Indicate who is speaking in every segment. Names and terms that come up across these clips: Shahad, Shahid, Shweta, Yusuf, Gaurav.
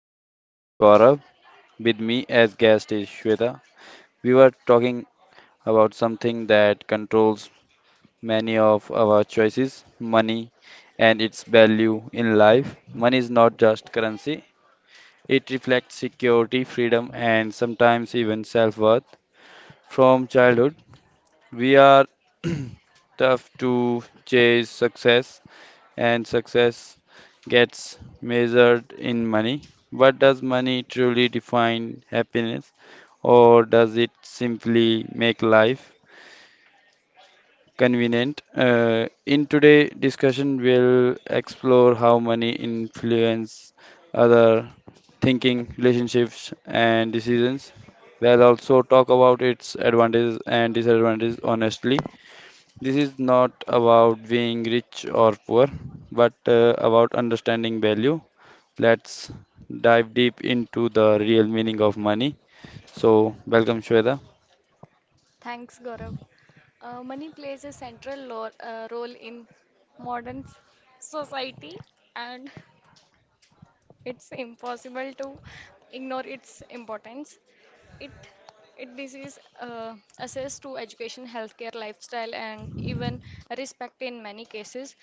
Speaker 1: I'm your host Gaurav. With me as guest is Shweta. We were talking about something that controls many of our choices, money and its value in life. Money is not just currency. It reflects security, freedom and sometimes even self-worth. From childhood, we are tough to chase success and success gets measured in money. But does money truly define happiness, or does it simply make life convenient? In today's discussion, we'll explore how money influence other thinking, relationships, and decisions. We'll also talk about its advantages and disadvantages honestly this is not about being rich or poor, but about understanding value. Let's dive deep into the real meaning of money. So, welcome Shweta.
Speaker 2: Thanks, Gaurav. Money plays a central role in modern society, and it's impossible to ignore its importance. It it this is access to education, healthcare, lifestyle, and even respect in many cases.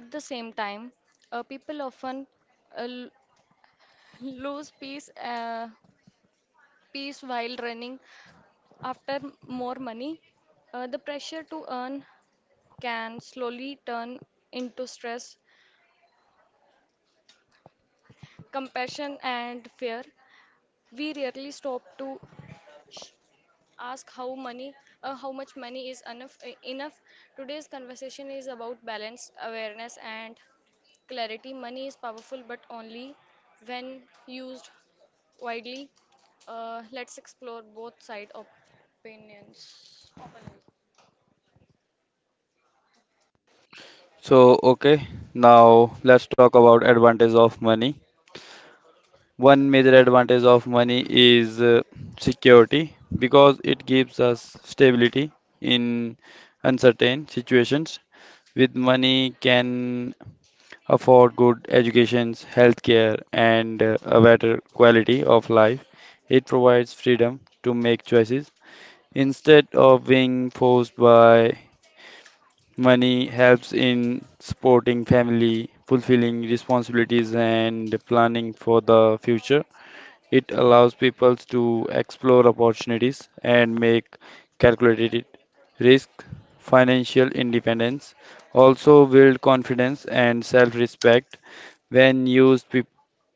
Speaker 2: At the same time, people often uh, l- lose peace while running after more money. The pressure to earn can slowly turn into stress, compassion, and fear. We rarely stop to ask how how much money is enough. Today's conversation is about balance, awareness, and clarity. Money is powerful, but only when used widely. Let's explore both side opinions.
Speaker 1: So, okay, now let's talk about advantage of money. One major advantage of money is security because it gives us stability in uncertain situations. With money can afford good educations, healthcare, and a better quality of life. It provides freedom to make choices instead of being forced by money, helps in supporting family, fulfilling responsibilities, and planning for the future. It allows people to explore opportunities and make calculated risk, financial independence, also build confidence and self-respect when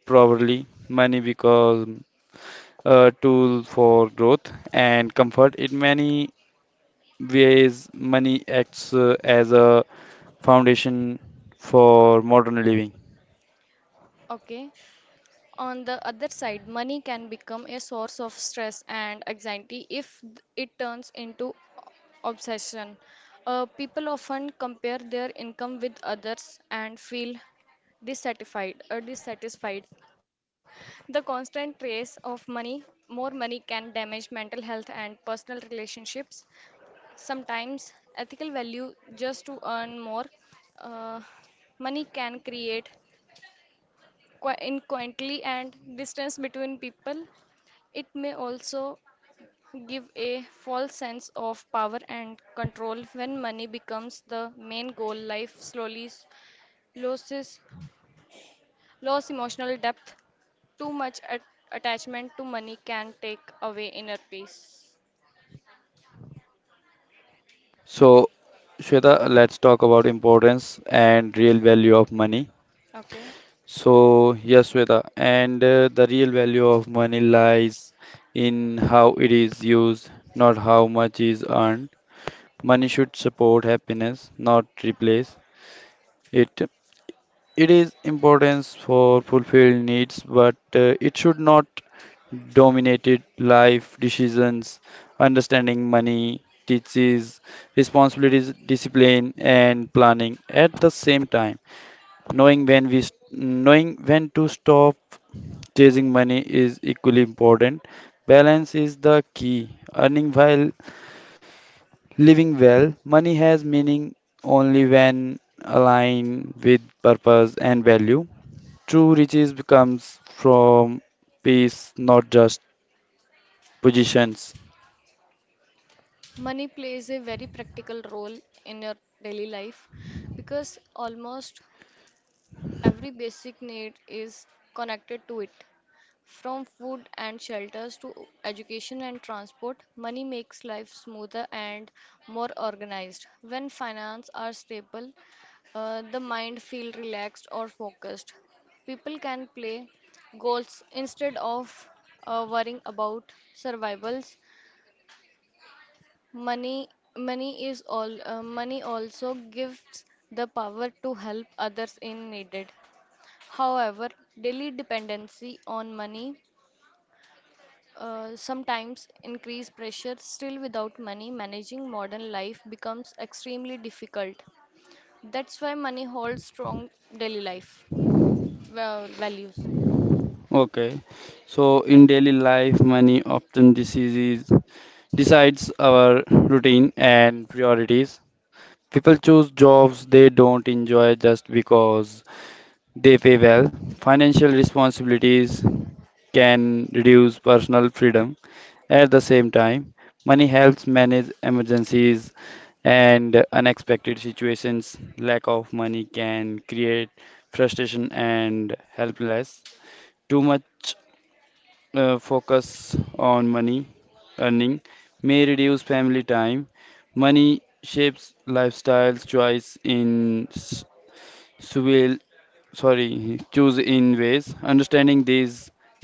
Speaker 1: properly, money becomes a tool for growth and comfort. In many ways, money acts as a foundation for modern living.
Speaker 2: Okay. On the other side, money can become a source of stress and anxiety if it turns into obsession. People often compare their income with others and feel dissatisfied. The constant race of money, more money can damage mental health and personal relationships. Sometimes ethical value just to earn more uh, money can create in and distance between people. It may also give a false sense of power and control when money becomes the main goal. Life slowly loses loses emotional depth. Too much attachment to money can take away inner peace.
Speaker 1: So, Shweta, let's talk about importance and real value of money.
Speaker 2: Okay.
Speaker 1: So, yes, Shweta, and the real value of money lies in how it is used, not how much is earned. Money should support happiness, not replace it. It is importance for fulfilled needs, but it should not dominate it life decisions. Understanding money teaches responsibilities, discipline, and planning at the same time. Knowing when to stop chasing money is equally important. Balance is the key. Earning while living well, money has meaning only when aligned with purpose and value. True riches becomes from peace, not just positions.
Speaker 2: Money plays a very practical role in your daily life because almost every basic need is connected to it. From food and shelters to education and transport, money makes life smoother and more organized. When finance are stable, the mind feel relaxed or focused. People can play goals instead of worrying about survivals. Money, money is all. Money also gives the power to help others in needed. However, daily dependency on money sometimes increased pressure, still without money, managing modern life becomes extremely difficult. That's why money holds strong daily life well, values.
Speaker 1: Okay, so in daily life, money often diseases decides our routine and priorities. People choose jobs they don't enjoy just because they pay well. Financial responsibilities can reduce personal freedom. At the same time, money helps manage emergencies and unexpected situations. Lack of money can create frustration and helplessness. Too much focus on money earning may reduce family time. Money shapes lifestyles choice in s- swill sorry, choose in ways. Understanding these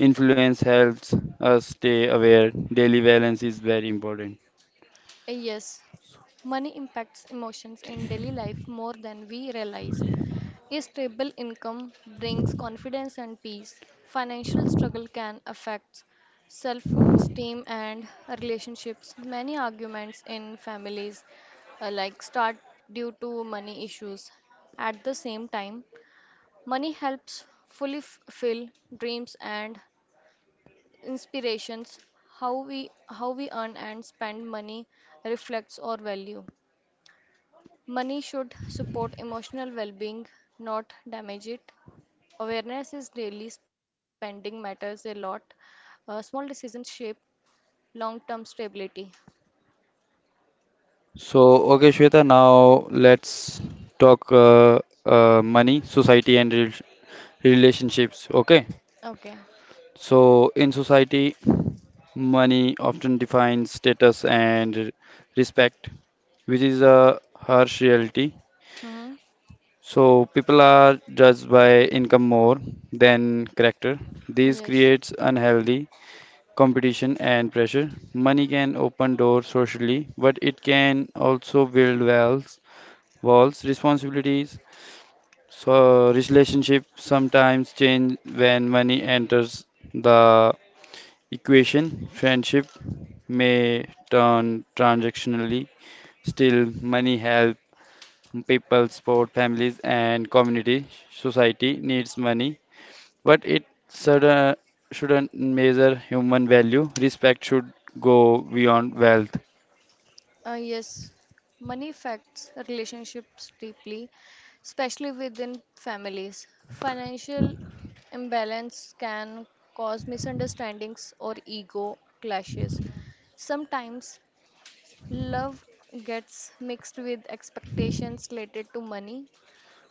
Speaker 1: influence helps us stay aware. Daily balance is very important.
Speaker 2: Yes, money impacts emotions in daily life more than we realize. A stable income brings confidence and peace. Financial struggle can affect self esteem and relationships. Many arguments in families like start due to money issues. At the same time, money helps fully fulfill dreams and inspirations. How we earn and spend money reflects our value. Money should support emotional well-being, not damage it. Awareness is daily, spending matters a lot. Small decisions shape long term stability.
Speaker 1: So, okay, Shweta, now let's talk money, society, and relationships. Okay,
Speaker 2: Okay.
Speaker 1: so in society, money often defines status and respect, which is a harsh reality.
Speaker 2: hmm
Speaker 1: So, people are judged by income more than character. This
Speaker 2: Yes.
Speaker 1: creates unhealthy competition and pressure. Money can open doors socially, but it can also build walls Walls responsibilities, so relationship sometimes change when money enters the equation. Friendship may turn transactionally. Still, money helps people, support families, and community. Society needs money, but shouldn't measure human value. Respect should go beyond wealth.
Speaker 2: Yes. Money affects relationships deeply, especially within families. Financial imbalance can cause misunderstandings or ego clashes. Sometimes love gets mixed with expectations related to money,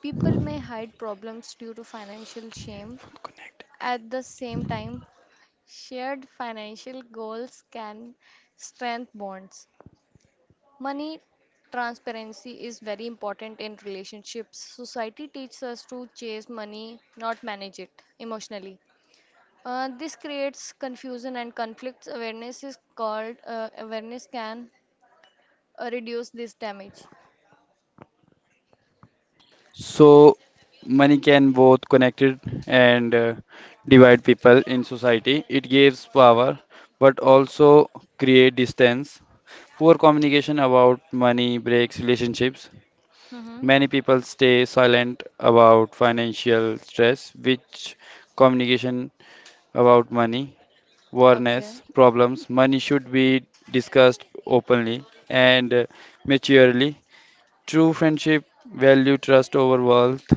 Speaker 2: people may hide problems due to financial shame. At the same time, shared financial goals can strengthen bonds. Money transparency is very important in relationships. Society teaches us to chase money, not manage it emotionally. This creates confusion and conflicts. Awareness is called awareness can reduce this damage.
Speaker 1: So money can both connect and divide people in society. It gives power, but also create distance. Poor communication about money breaks relationships.
Speaker 2: Mm-hmm.
Speaker 1: Many people stay silent about financial stress, which communication about money, awareness,
Speaker 2: Okay.
Speaker 1: problems, money should be discussed openly and maturely. True friendship value trust over wealth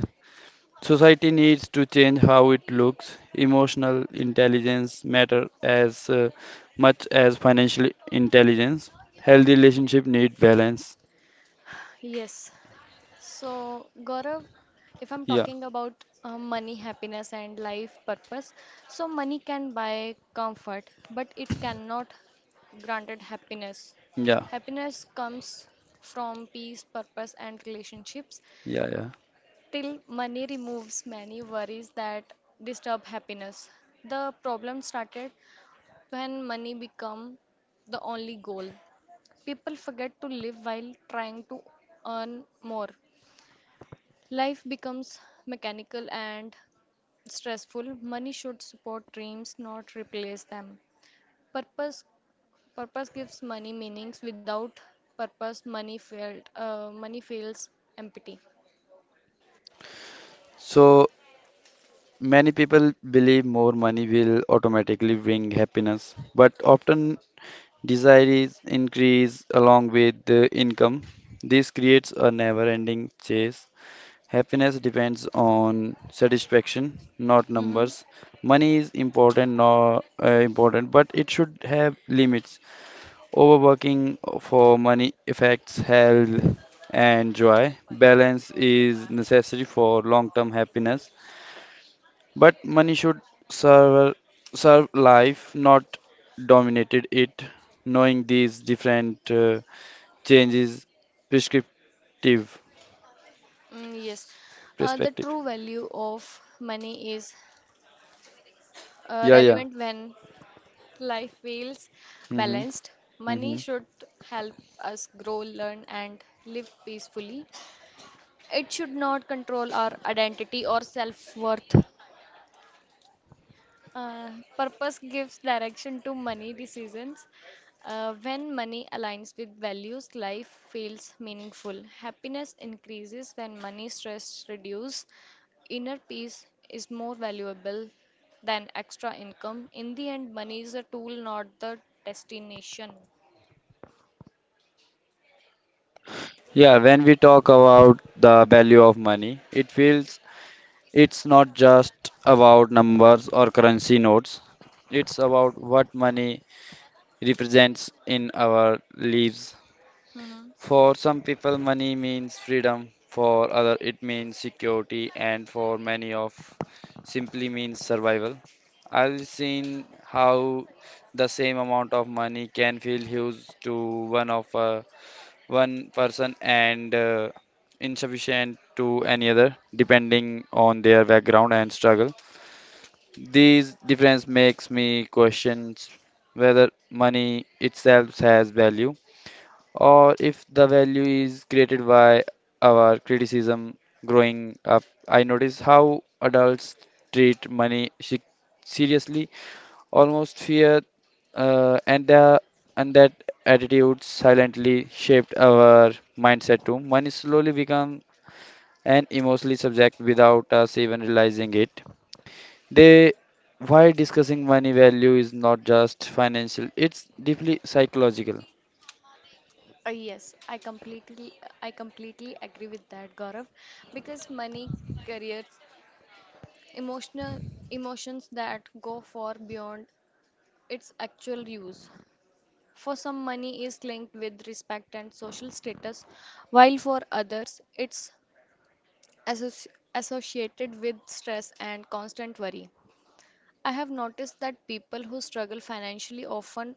Speaker 1: Society needs to change how it looks. Emotional intelligence matter as much as financial intelligence. Healthy relationship need balance.
Speaker 2: Yes. So, Gaurav, if I'm
Speaker 1: Yeah,
Speaker 2: talking about money, happiness, and life purpose, so money can buy comfort, but it cannot granted happiness.
Speaker 1: yeah,
Speaker 2: Happiness comes from peace, purpose, and relationships.
Speaker 1: yeah, yeah.
Speaker 2: Till money removes many worries that disturb happiness. The problem started when money become the only goal. People forget to live while trying to earn more. Life becomes mechanical and stressful. Money should support dreams, not replace them. Purpose purpose gives money meanings. Without purpose, money failed. Money feels empty.
Speaker 1: So many people believe more money will automatically bring happiness, but often desires increase along with the income. This creates a never-ending chase Happiness depends on satisfaction, not
Speaker 2: hmm
Speaker 1: numbers. Money is important, not important, but it should have limits. Overworking for money affects health and joy. Balance is necessary for long-term happiness, but money should serve serve life, not dominated it. Knowing these different changes, prescriptive
Speaker 2: Mm, yes, the
Speaker 1: perspective.
Speaker 2: true value of money is
Speaker 1: Yeah, yeah.
Speaker 2: relevant when life feels
Speaker 1: Mm-hmm.
Speaker 2: balanced. Money
Speaker 1: Mm-hmm.
Speaker 2: should help us grow, learn, and live peacefully. It should not control our identity or self worth. Uh, purpose gives direction to money decisions. When money aligns with values, life feels meaningful. Happiness increases when money stress reduces. Inner peace is more valuable than extra income. In the end, money is a tool, not the destination.
Speaker 1: Yeah, when we talk about the value of money, it feels it's not just about numbers or currency notes. It's about what money represents in our lives.
Speaker 2: Mm-hmm.
Speaker 1: For some people, money means freedom. For other, it means security, and for many of simply means survival. I've seen how the same amount of money can feel huge to one of one person and insufficient to any other depending on their background and struggle these difference makes me questions whether money itself has value or if the value is created by our criticism growing up I notice how adults treat money se- seriously almost fear, uh, and the and that attitude silently shaped our mindset too. Money slowly become an emotionally subject without us even realizing it. They why discussing money value is not just financial; it's deeply psychological.
Speaker 2: Uh, yes, I completely I completely agree with that, Gaurav, because money, careers, emotional emotions that go far beyond its actual use. For some, money is linked with respect and social status, while for others, it's associ- associated with stress and constant worry. I have noticed that people who struggle financially often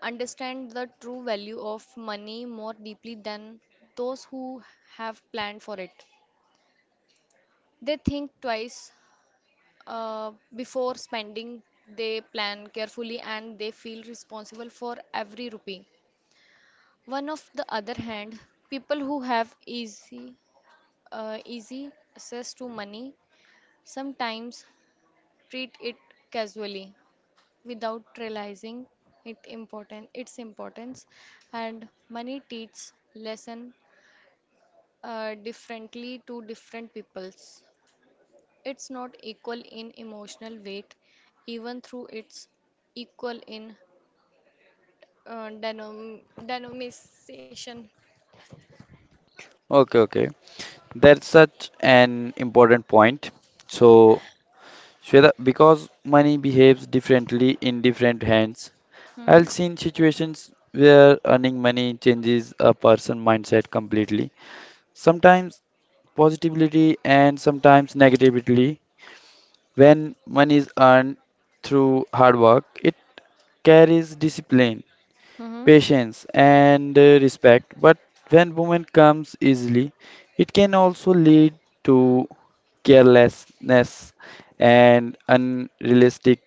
Speaker 2: understand the true value of money more deeply than those who have planned for it. They think twice before spending, they plan carefully and they feel responsible for every rupee. One of the other hand, people who have easy access to money sometimes treat it casually without realizing it important its importance and money teaches lesson differently to different peoples. It's not equal in emotional weight, even through it's equal in denomination.
Speaker 1: Okay, okay. That's such an important point. So, Shweta, because money behaves differently in different hands,
Speaker 2: Mm-hmm.
Speaker 1: I've seen situations where earning money changes a person's mindset completely, sometimes positively and sometimes negatively. When money is earned through hard work, it carries discipline,
Speaker 2: Mm-hmm.
Speaker 1: patience, and respect. But when women comes easily, it can also lead to carelessness and unrealistic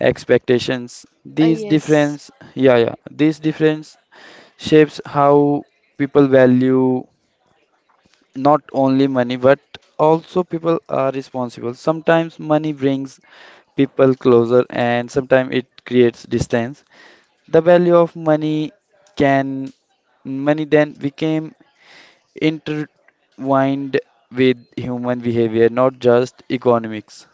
Speaker 1: expectations.
Speaker 2: Uh,
Speaker 1: These
Speaker 2: yes.
Speaker 1: difference, these difference shapes how people value not only money but also people are responsible. Sometimes money brings people closer and sometimes it creates distance. The value of money can money then became intertwined with human behavior, not just economics.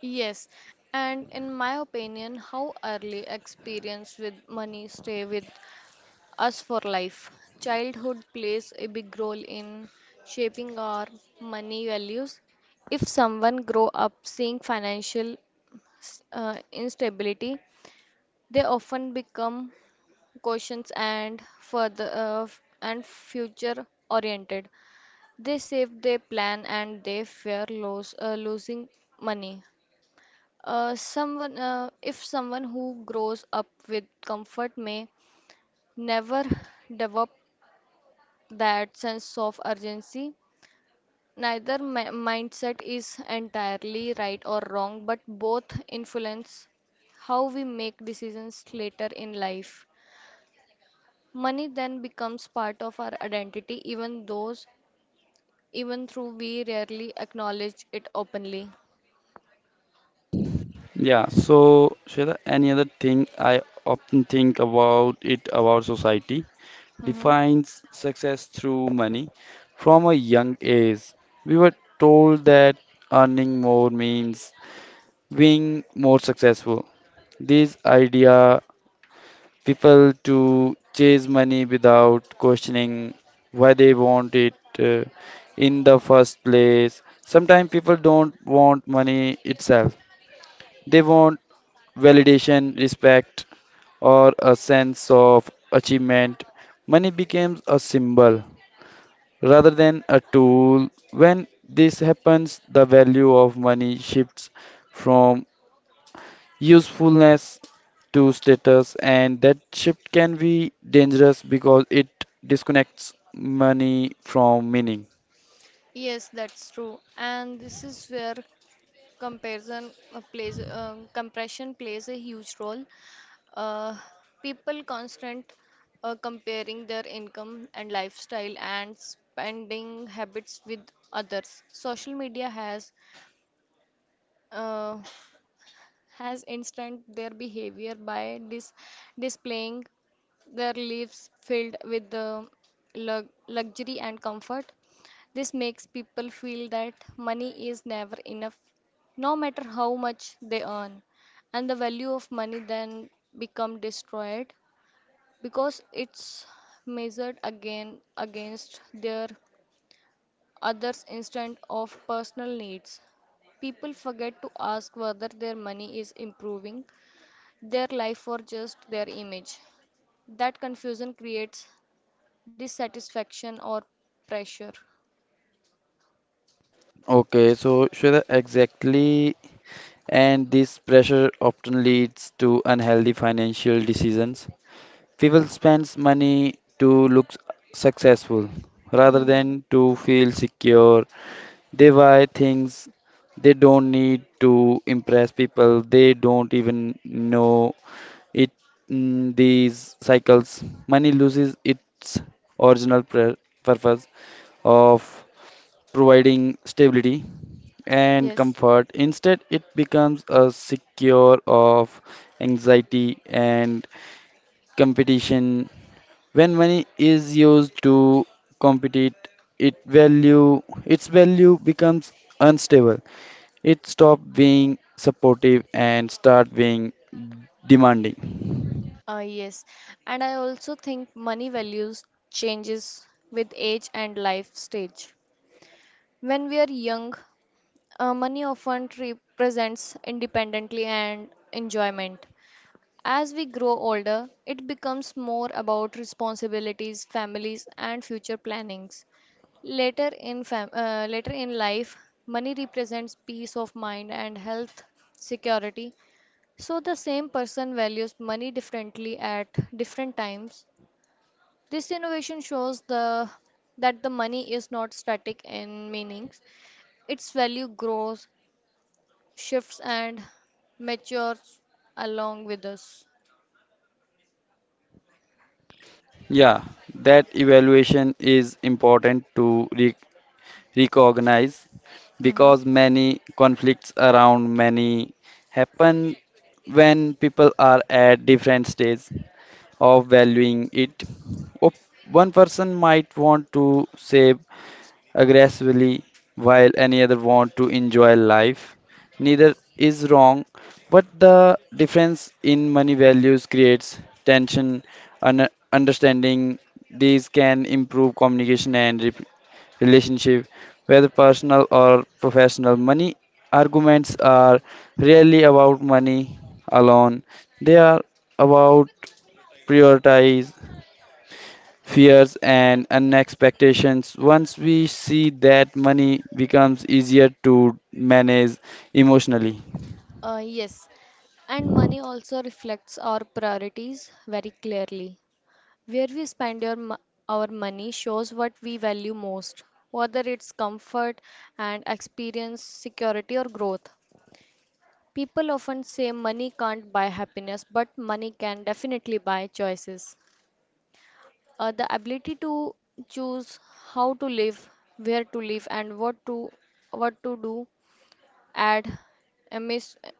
Speaker 2: Yes, and in my opinion, how early experience with money stay with us for life. Childhood plays a big role in shaping our money values. If someone grow up seeing financial instability, they often become questions and further and future oriented. They save, they plan, and they fear loss losing money. Someone If someone who grows up with comfort may never develop that sense of urgency. Neither mindset is entirely right or wrong, but both influence how we make decisions later in life. Money then becomes part of our identity, even though we rarely acknowledge it openly.
Speaker 1: Yeah, so Shweta, any other thing I often think about it about society?
Speaker 2: hmm
Speaker 1: Defines success through money. From a young age, we were told that earning more means being more successful. This idea people to chase money without questioning why they want it in the first place. Sometimes people don't want money itself. They want validation, respect, or a sense of achievement. Money becomes a symbol rather than a tool. When this happens, the value of money shifts from usefulness to status, and that shift can be dangerous because it disconnects money from meaning.
Speaker 2: Yes, that's true. And this is where compression plays a huge role. Uh, people constant comparing their income and lifestyle and spending habits with others. Social media uh, has instant their behavior by dis displaying their lives filled with the luxury and comfort. This makes people feel that money is never enough, no matter how much they earn. And the value of money then become destroyed because it's measured again against their others instead of personal needs. People forget to ask whether their money is improving their life or just their image. That confusion creates dissatisfaction or pressure.
Speaker 1: Okay, so Shweta, exactly, and this pressure often leads to unhealthy financial decisions. People spends money to look successful rather
Speaker 2: Mhm.
Speaker 1: than to feel secure They buy things they don't need to impress people. They don't even know it. These cycles, money loses its original pur- purpose of providing stability and
Speaker 2: Yes,
Speaker 1: comfort. Instead, it becomes a secure of anxiety and competition. When money is used to compete, it value its value becomes unstable. It stops being supportive and start being demanding.
Speaker 2: yes. And I also think money values changes with age and life stage. When we are young, money often represents independently and enjoyment. As we grow older, it becomes more about responsibilities, families, and future plannings. Later in life, money represents peace of mind and health security. So the same person values money differently at different times. This innovation shows the that the money is not static in meanings. Its value grows, shifts and matures along with us.
Speaker 1: Yeah, that evaluation is important to recognize
Speaker 2: hmm
Speaker 1: because many conflicts around money happen when people are at different stages. Of valuing it. Op- One person might want to save aggressively while any other want to enjoy life. Neither is wrong, but the difference in money values creates tension and understanding these can improve communication and relationship whether personal or professional money arguments are rarely about money alone they are about prioritize fears, and unexpectations. Once we see that money becomes easier to manage emotionally.
Speaker 2: yes, and money also reflects our priorities very clearly. Where we spend your, mo- our money shows what we value most, whether it's comfort and experience, security, or growth. People often say money can't buy happiness, but money can definitely buy choices. The ability to choose how to live, where to live, and what to do add immense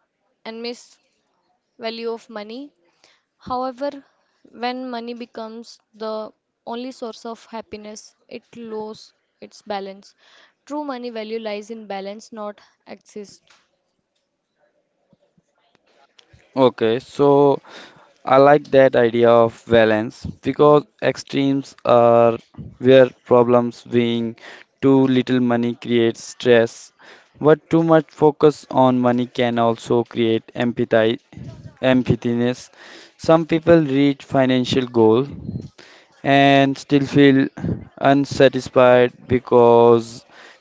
Speaker 2: value of money. However, when money becomes the only source of happiness, it loses its balance. True money value lies in balance, not excess.
Speaker 1: Okay, so I like that idea of balance because
Speaker 2: Mhm.
Speaker 1: extremes are where problems being too little money creates stress, but too much focus on money can also create empathiness. Some people reach financial goal and still feel unsatisfied because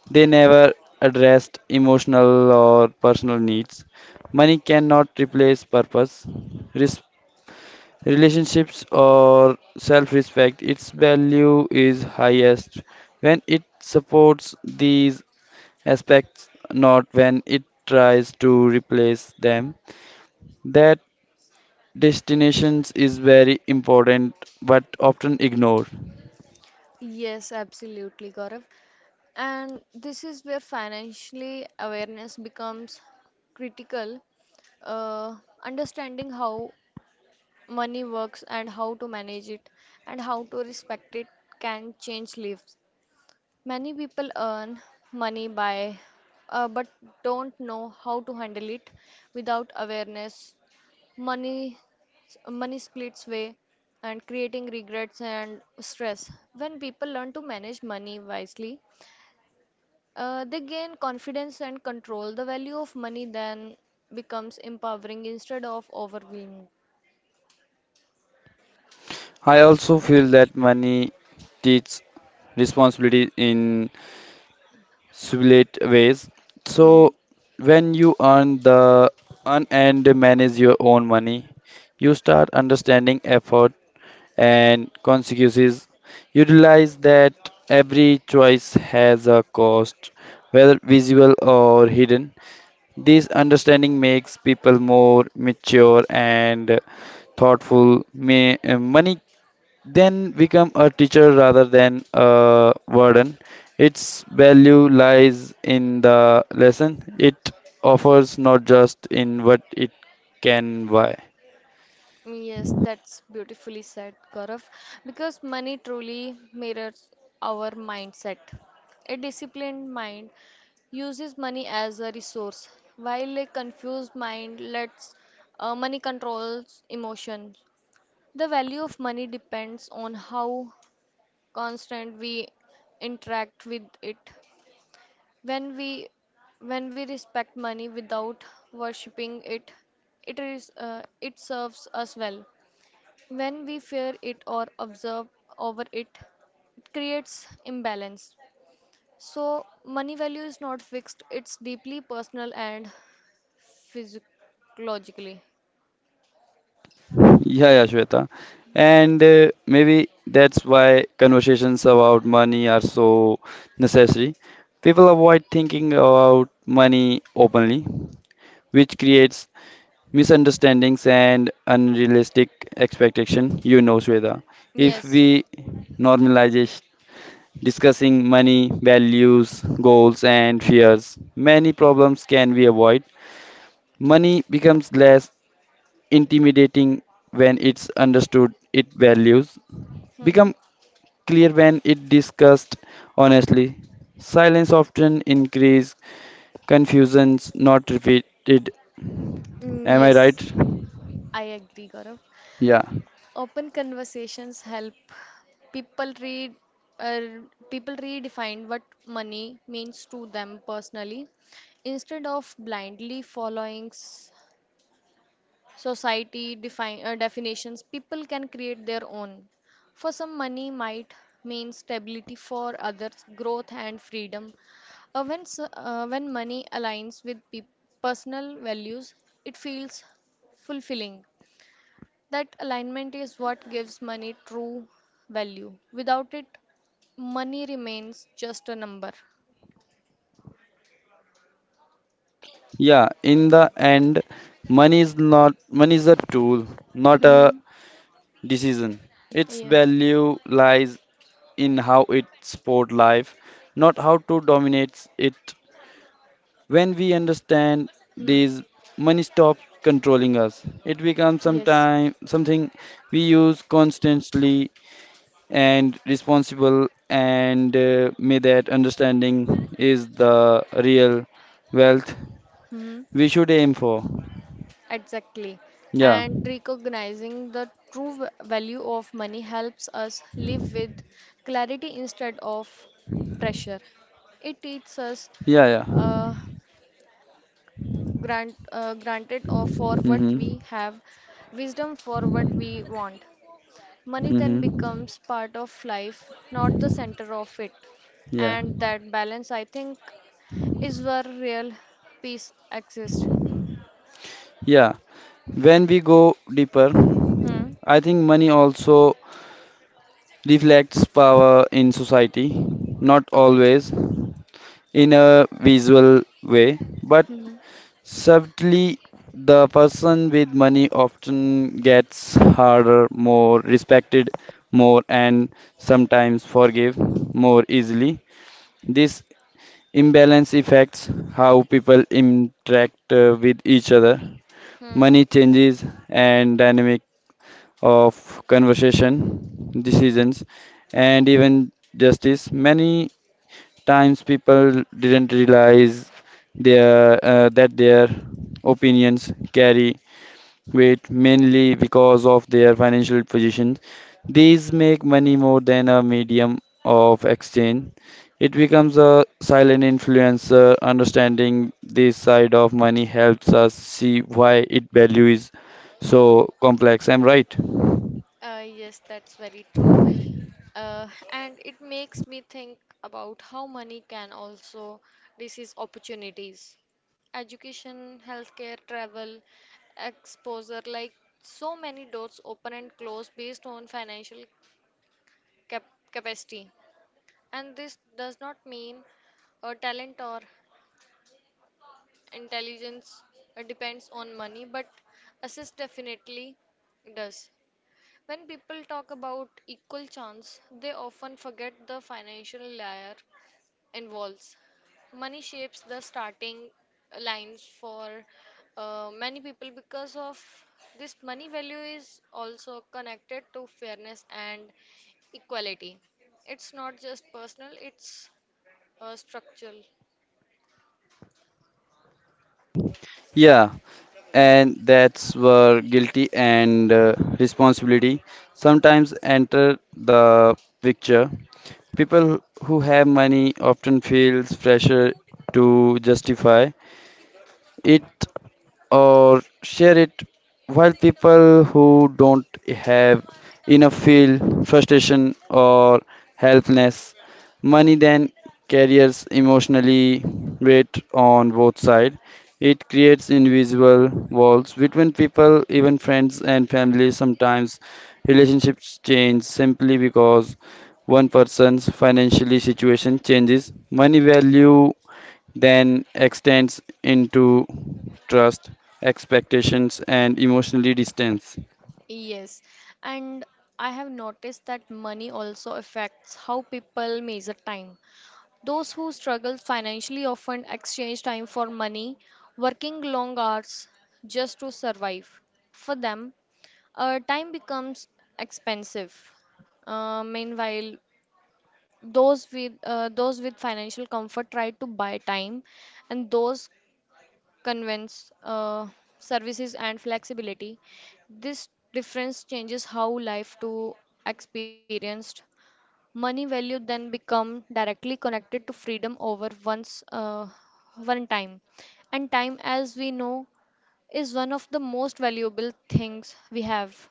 Speaker 1: they never addressed emotional or personal needs. Money cannot replace purpose, res- relationships, or self respect. Its value is highest when it supports these aspects, not when it tries to replace them. That destinations is very important but often ignored.
Speaker 2: Yes, absolutely, Gaurav. And this is where financially awareness becomes critical. Uh, understanding how money works and how to manage it and how to respect it can change lives. Many people earn money by but don't know how to handle it without awareness. Money money splits way and creating regrets and stress. When people learn to manage money wisely, they gain confidence and control. The value of money then becomes empowering instead of overwhelming.
Speaker 1: I also feel that money teaches responsibility in subtle ways. So
Speaker 2: hmm
Speaker 1: when you earn and manage your own money, you start understanding effort and consequences. You realize that every choice has a cost, whether visible or hidden. This understanding makes people more mature and thoughtful. Money then become a teacher rather than a burden. Its value lies in the lesson it offers, not just in what it can buy.
Speaker 2: Yes, that's beautifully said, Gaurav, because money truly mirrors our mindset. A disciplined mind uses money as a resource, while a confused mind lets money controls emotions. The value of money depends on how constant we interact with it. When we when we respect money without worshipping it, it is it serves us well. When we fear it or observe over it, it creates imbalance. So money value is not fixed; it's deeply personal and physiologically.
Speaker 1: Yeah, yeah, Shweta. And maybe that's why conversations about money are so necessary. People avoid thinking about money openly, which creates misunderstandings and unrealistic expectation you know Shweta if
Speaker 2: Yes,
Speaker 1: we normalize discussing money values goals and fears many problems can be avoided money becomes less intimidating when it's understood its values
Speaker 2: hmm
Speaker 1: become clear when it discussed honestly silence often increase confusions not repeated
Speaker 2: Mm,
Speaker 1: am I right
Speaker 2: yes, I agree, Gaurav.
Speaker 1: yeah
Speaker 2: Open conversations help people read uh, people redefine what money means to them personally instead of blindly following society definitions. People can create their own. For some, money might mean stability; for others, growth and freedom. When money aligns with peop personal values, it feels fulfilling. That alignment is what gives money true value. Without it, money remains just a number.
Speaker 1: Yeah, in the end, money is a tool, not a
Speaker 2: Mm-hmm.
Speaker 1: decision. Its
Speaker 2: Yes.
Speaker 1: value lies in how it support life, not how to dominate it. When we understand
Speaker 2: Hmm.
Speaker 1: this, money stops controlling us. It becomes
Speaker 2: Yes.
Speaker 1: sometime something we use constantly and responsible. And may that understanding is the real wealth
Speaker 2: Hmm.
Speaker 1: we should aim for.
Speaker 2: Exactly.
Speaker 1: Yeah,
Speaker 2: And recognizing the true value of money helps us live with clarity instead of pressure. It teaches us
Speaker 1: yeah, yeah.
Speaker 2: uh, granted or for what
Speaker 1: Mm-hmm.
Speaker 2: we have, wisdom for what we want. Money then
Speaker 1: Mm-hmm.
Speaker 2: becomes part of life, not the center of it.
Speaker 1: Yeah.
Speaker 2: And that balance, I think, is where real peace exists.
Speaker 1: Yeah. When we go deeper,
Speaker 2: Hmm.
Speaker 1: I think money also reflects power in society, not
Speaker 2: Okay.
Speaker 1: always in a visual way, but
Speaker 2: Hmm.
Speaker 1: subtly the person with money often gets harder, more respected, more and sometimes forgive more easily. This imbalance affects how people interact with each other
Speaker 2: Hmm.
Speaker 1: money changes and dynamic of conversation, decisions, and even justice. Many times people didn't realize their that their opinions carry with mainly because of their financial position. These make money more than a medium of exchange. It becomes a silent influencer. Understanding this side of money helps us see why its value is so complex. I'm right.
Speaker 2: Yes, that's very true. And it makes me think about how money can also disease opportunities. Education, healthcare, travel, exposure, like so many doors open and close based on financial cap capacity. And this does not mean talent or intelligence depends on money, but assist definitely does. When people talk about equal chance, they often forget the financial layer involves. Money shapes the starting lines for many people because of this money value is also connected to fairness and equality. It's not just personal, it's structural.
Speaker 1: Yeah, and that's where guilty and responsibility sometimes enter the picture. People who have money often feels pressure to justify it or share it, while people who don't have enough feel frustration or helplessness. Money then carries emotionally weight on both sides. It creates invisible walls between people, even friends and family. Sometimes relationships change simply because one person's financially situation changes. Money value then extends into trust, expectations, and emotionally distance.
Speaker 2: Yes, and I have noticed that money also affects how people measure time. Those who struggle financially often exchange time for money, working long hours just to survive. For them, time becomes expensive. Meanwhile, those with financial comfort try to buy time, and those convenience, services, and flexibility. This difference changes how life to experienced. Money value then become directly connected to freedom over one's one time, and time, as we know, is one of the most valuable things we have.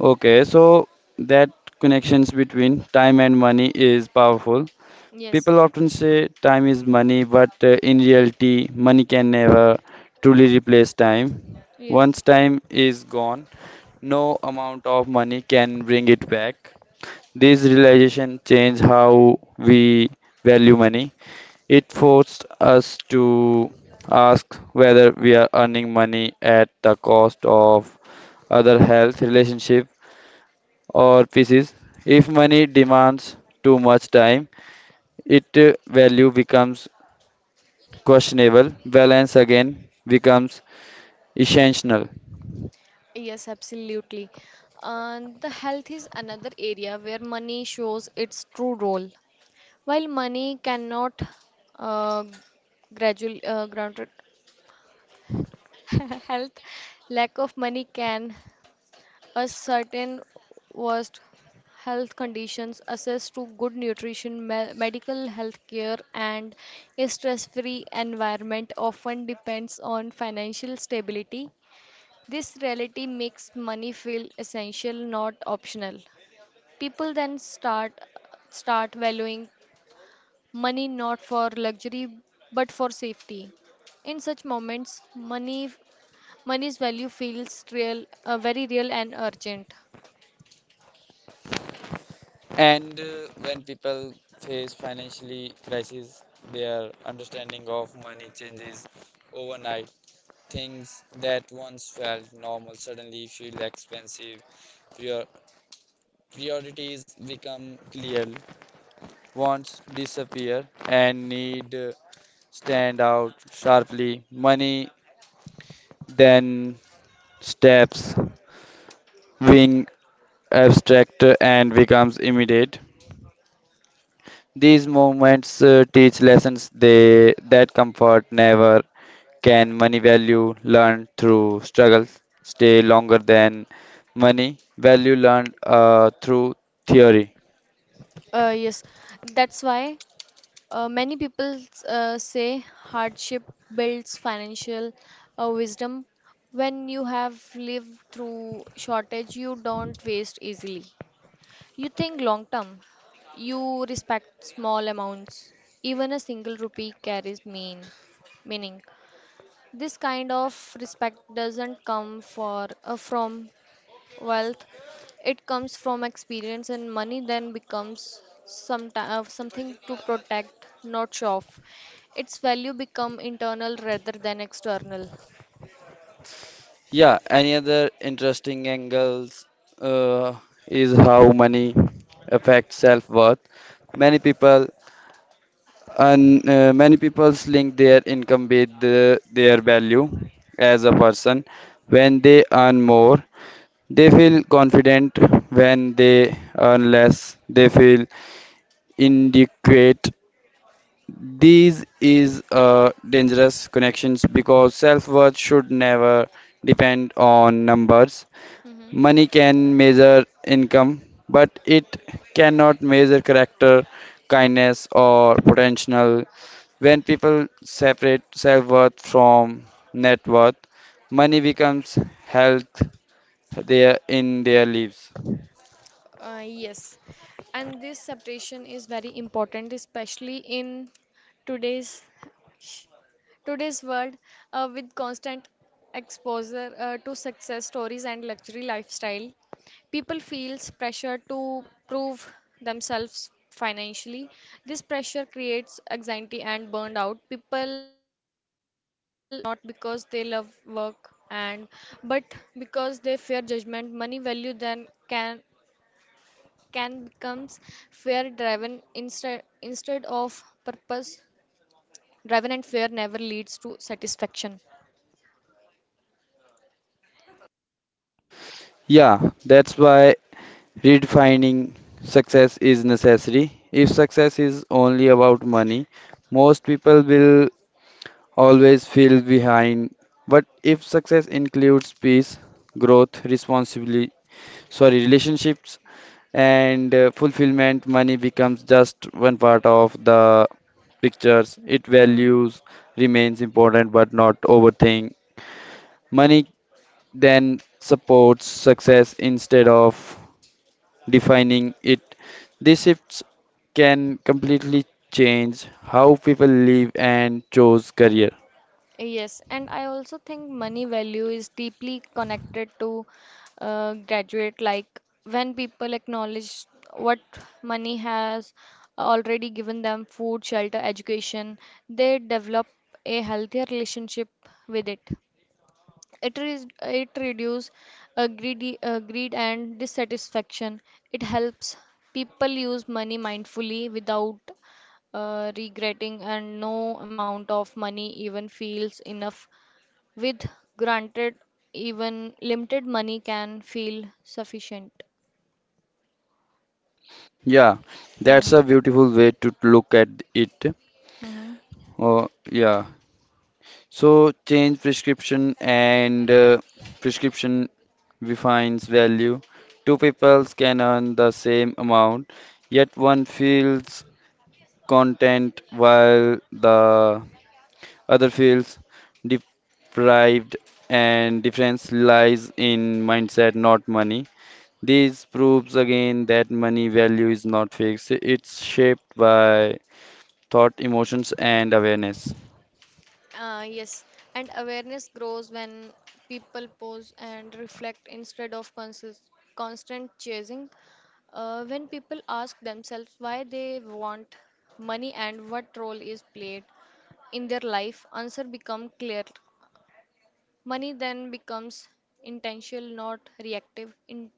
Speaker 1: Okay, so that connections between time and money is powerful.
Speaker 2: Yes,
Speaker 1: People often say time is money, but in reality, money can never truly replace time. Once
Speaker 2: yes.
Speaker 1: time is gone, no amount of money can bring it back. This realization changed how we value money. It forced us to ask whether we are earning money at the cost of other health, relationship, or pieces. If money demands too much time, its value becomes questionable. Balance again becomes essential.
Speaker 2: Yes, absolutely. And the health is another area where money shows its true role. While money cannot uh, gradual grounded health, lack of money can a certain worst health conditions, access to good nutrition, me medical health care, and a stress-free environment often depends on financial stability. This reality makes money feel essential, not optional. People then start valuing money not for luxury but for safety. In such moments, money's value feels real, very real and urgent.
Speaker 1: And when people face financially crisis, their understanding of money changes overnight. Things that once felt normal suddenly feel expensive. Prior- Priorities become clear, wants disappear, and need stand out sharply. Money then steps, being abstract and becomes immediate. These moments teach lessons that comfort never can. Money value learned through struggles stay longer than money value learned through theory.
Speaker 2: Yes, that's why many people say hardship builds financial wisdom. When you have lived through shortage, you don't waste easily. You think long term. You respect small amounts. Even a single rupee carries meaning. This kind of respect doesn't come for from wealth. It comes from experience, and money then becomes something to protect, not show off. Its value become internal rather than external.
Speaker 1: Yeah, any other interesting angles uh, is how money affects self-worth. Many people many people link their income with their value as a person. When they earn more, they feel confident. When they earn less, they feel inadequate. These is dangerous connections because self-worth should never depend on numbers.
Speaker 2: Hmm.
Speaker 1: Money can measure income, but it cannot measure character, kindness, or potential. When people separate self worth from net worth, money becomes health there in their lives.
Speaker 2: Yes, and this separation is very important, especially in today's today's world with constant exposure to success stories and luxury lifestyle. People feels pressure to prove themselves financially. This pressure creates anxiety and burned out. People not because they love work and but because they fear judgment money value then can become fear driven instead of purpose driven and fear never leads to satisfaction.
Speaker 1: Yeah, that's why redefining success is necessary. If success is only about money, most people will always feel behind. But if success includes peace, growth, responsibility, sorry, relationships, and fulfillment, money becomes just one part of the pictures. It
Speaker 2: Hmm.
Speaker 1: values remains important, but not overthink. Money then supports success instead of defining it. These shifts can completely change how people live and choose career.
Speaker 2: Yes, and I also think money value is deeply connected to graduate. Like when people acknowledge what money has already given them food, shelter, education, they develop a healthier relationship with it. It reduces greed and dissatisfaction. It helps people use money mindfully without regretting, and no amount of money even feels enough. With granted, even limited money can feel sufficient.
Speaker 1: Yeah, that's a
Speaker 2: Hmm.
Speaker 1: beautiful way to look at it.
Speaker 2: Hmm.
Speaker 1: Oh, yeah. So change prescription and prescription defines value. Two peoples can earn the same amount, yet one feels content while the other feels deprived, and difference lies in mindset, not money. This proves again that money value is not fixed. It's shaped by thought, emotions, and awareness.
Speaker 2: Yes, and awareness grows when people pause and reflect instead of consist constant chasing. When people ask themselves why they want money and what role is played in their life, answer become clear. Money then becomes intentional, not reactive. In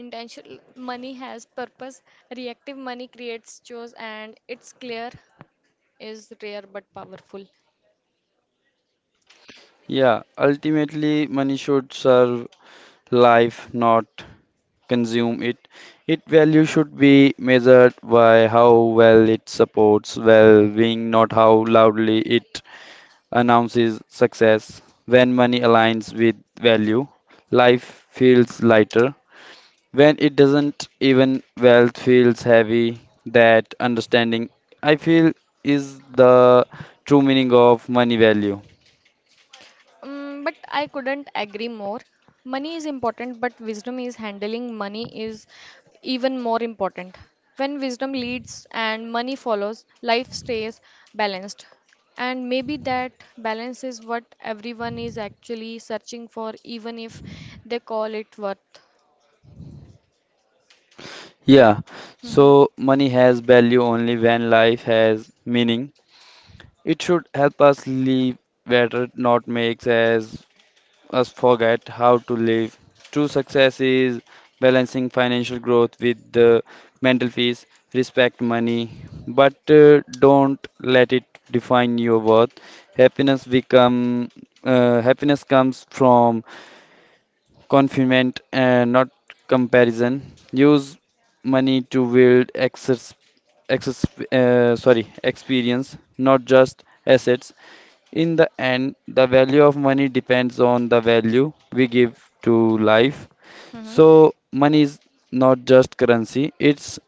Speaker 2: intentional money has purpose. Reactive money creates chores, and it's clear is rare but powerful.
Speaker 1: Yeah, ultimately, money should serve life, not consume it. Its value should be measured by how well it supports well being, not how loudly it announces success. When money aligns with value, life feels lighter. When it doesn't, even wealth feels heavy. That understanding, I feel, is the true meaning of money value.
Speaker 2: But I couldn't agree more. Money is important, but wisdom is handling money is even more important. When wisdom leads and money follows, life stays balanced. And maybe that balance is what everyone is actually searching for, even if they call it worth.
Speaker 1: Yeah,
Speaker 2: Mhm.
Speaker 1: so money has value only when life has meaning. It should help us live better, not makes us forget how to live. True success is balancing financial growth with the mental peace. Respect money, but don't let it define your worth. Happiness become happiness comes from confinement and not comparison. Use money to build access, experience, not just assets. In the end, the value of money depends on the value we give to life.
Speaker 2: Mhm.
Speaker 1: So money is not just currency; it's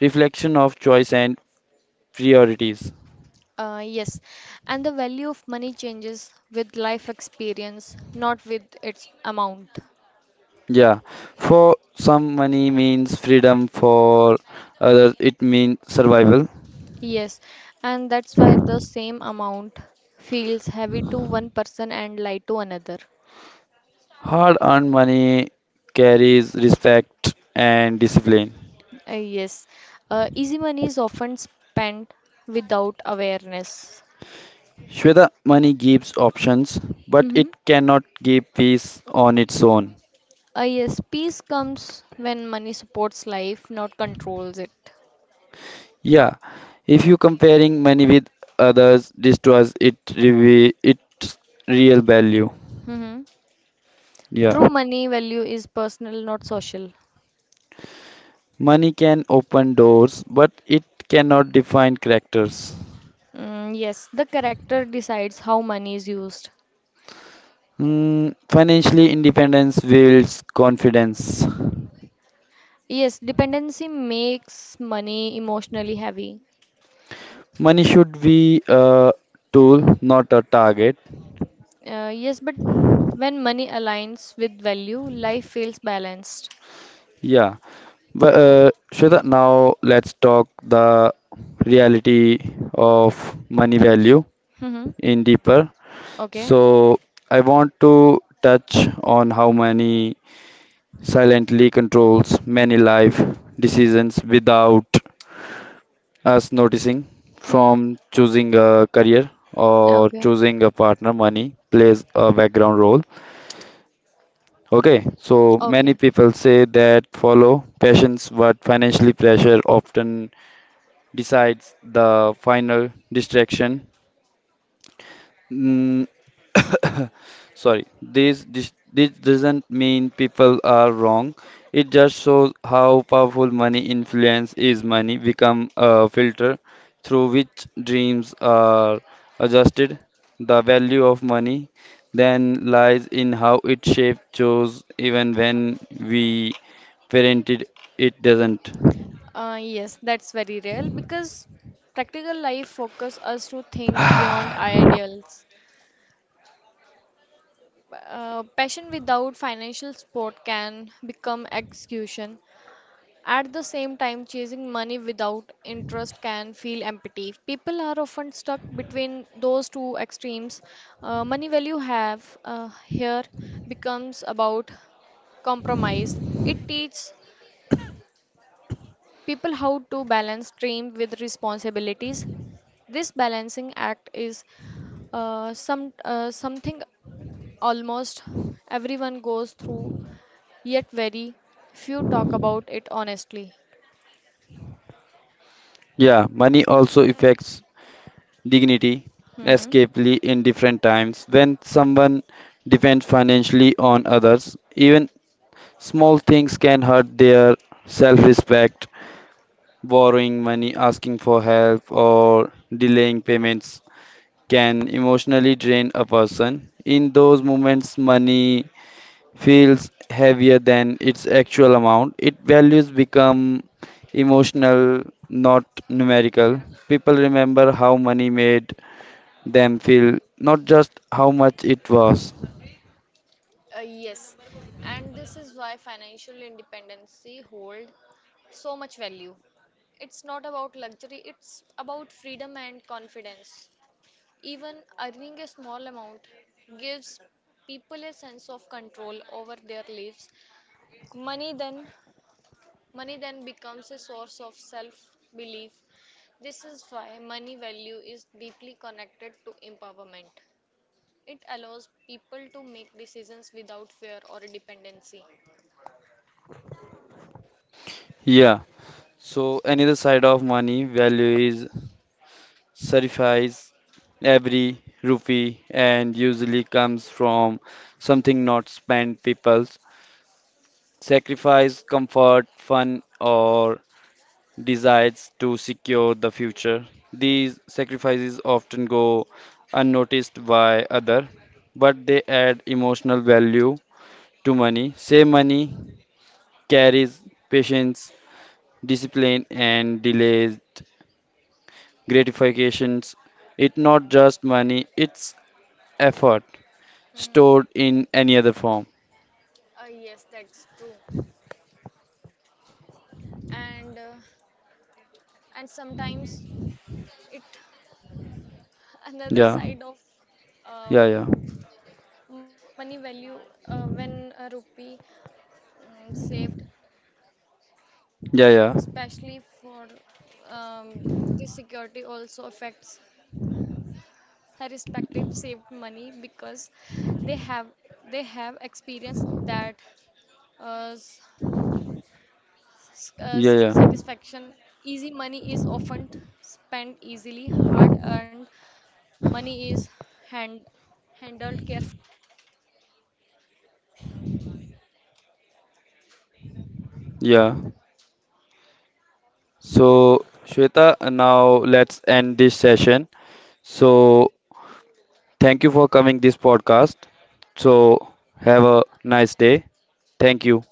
Speaker 1: reflection of choice and priorities.
Speaker 2: Yes, and the value of money changes with life experience, not with its amount.
Speaker 1: Yeah, for some money means freedom, for others it means survival.
Speaker 2: Yes, and that's why the same amount feels heavy to one person and light to another.
Speaker 1: Hard earned money carries respect and discipline.
Speaker 2: Yes, easy money is often spent without awareness.
Speaker 1: Shweta, money gives options, but it
Speaker 2: Mm-hmm.
Speaker 1: cannot give peace on its own.
Speaker 2: Yes, peace comes when money supports life, not controls it.
Speaker 1: Yeah, if you comparing money with others destroys it reveal its real value.
Speaker 2: Mm-hmm.
Speaker 1: Yeah,
Speaker 2: True money value is personal, not social.
Speaker 1: money can open doors, but it cannot define characters.
Speaker 2: Mm, yes, the character decides how money is used.
Speaker 1: Hmm, financially, independence builds confidence.
Speaker 2: Yes, dependency makes money emotionally heavy.
Speaker 1: Money should be a tool, not a target.
Speaker 2: Yes, but when money aligns with value, life feels balanced.
Speaker 1: Yeah, but Shweta, now let's talk the reality of money value
Speaker 2: Mm-hmm.
Speaker 1: in deeper.
Speaker 2: Okay.
Speaker 1: So I want to touch on how money silently controls many life decisions without us noticing.
Speaker 2: Hmm.
Speaker 1: From choosing a career or
Speaker 2: Okay.
Speaker 1: choosing a partner, money plays a background role. Okay, so many
Speaker 2: Okay.
Speaker 1: people say that follow passions, but financially pressure often decides the final distraction. Mm, sorry, this doesn't mean people are wrong. It just shows how powerful money influence is. Money become a filter through which dreams are adjusted. The value of money then lies in how it shapes chose even when we parented it doesn't.
Speaker 2: Yes, that's very real because practical life focus us to think beyond ideals. Passion without financial support can become execution. At the same time, chasing money without interest can feel empty. People are often stuck between those two extremes. Money value have here becomes about compromise. It teaches people how to balance dream with responsibilities. This balancing act is something almost everyone goes through, yet very few talk about it honestly.
Speaker 1: Yeah, money also affects dignity
Speaker 2: Hmm.
Speaker 1: escapely in different times. When someone depends financially on others, even small things can hurt their self-respect. Borrowing money, asking for help, or delaying payments can emotionally drain a person. In those moments money feels heavier than its actual amount. Its values become emotional, not numerical. People remember how money made them feel, not just how much it was.
Speaker 2: Yes, and this is why financial independency hold so much value. It's not about luxury, it's about freedom and confidence. Even earning a small amount gives people a sense of control over their lives. Money then money then becomes a source of self-belief. This is why money value is deeply connected to empowerment. It allows people to make decisions without fear or dependency.
Speaker 1: Yeah. So another side of money value is sacrifice. Every rupee and usually comes from something not spent. People's sacrifice comfort, fun or desires to secure the future. These sacrifices often go unnoticed by other, but they add emotional value to money. Say money carries patience, discipline, and delayed gratifications. It's not just money, it's effort
Speaker 2: Mm,
Speaker 1: stored in any other form.
Speaker 2: yes, that's true. And uh, and sometimes it another side
Speaker 1: Yeah,
Speaker 2: of um
Speaker 1: yeah, yeah,
Speaker 2: money value when a rupee saved, especially for
Speaker 1: yeah, yeah,
Speaker 2: um, the security also affects her respective saved money because they have
Speaker 1: yeah, yeah,
Speaker 2: this difference show that money value increase when affects
Speaker 1: yeah. So, Shweta, now let's end this session. So, thank you for coming this podcast. So, have a nice day. Thank you.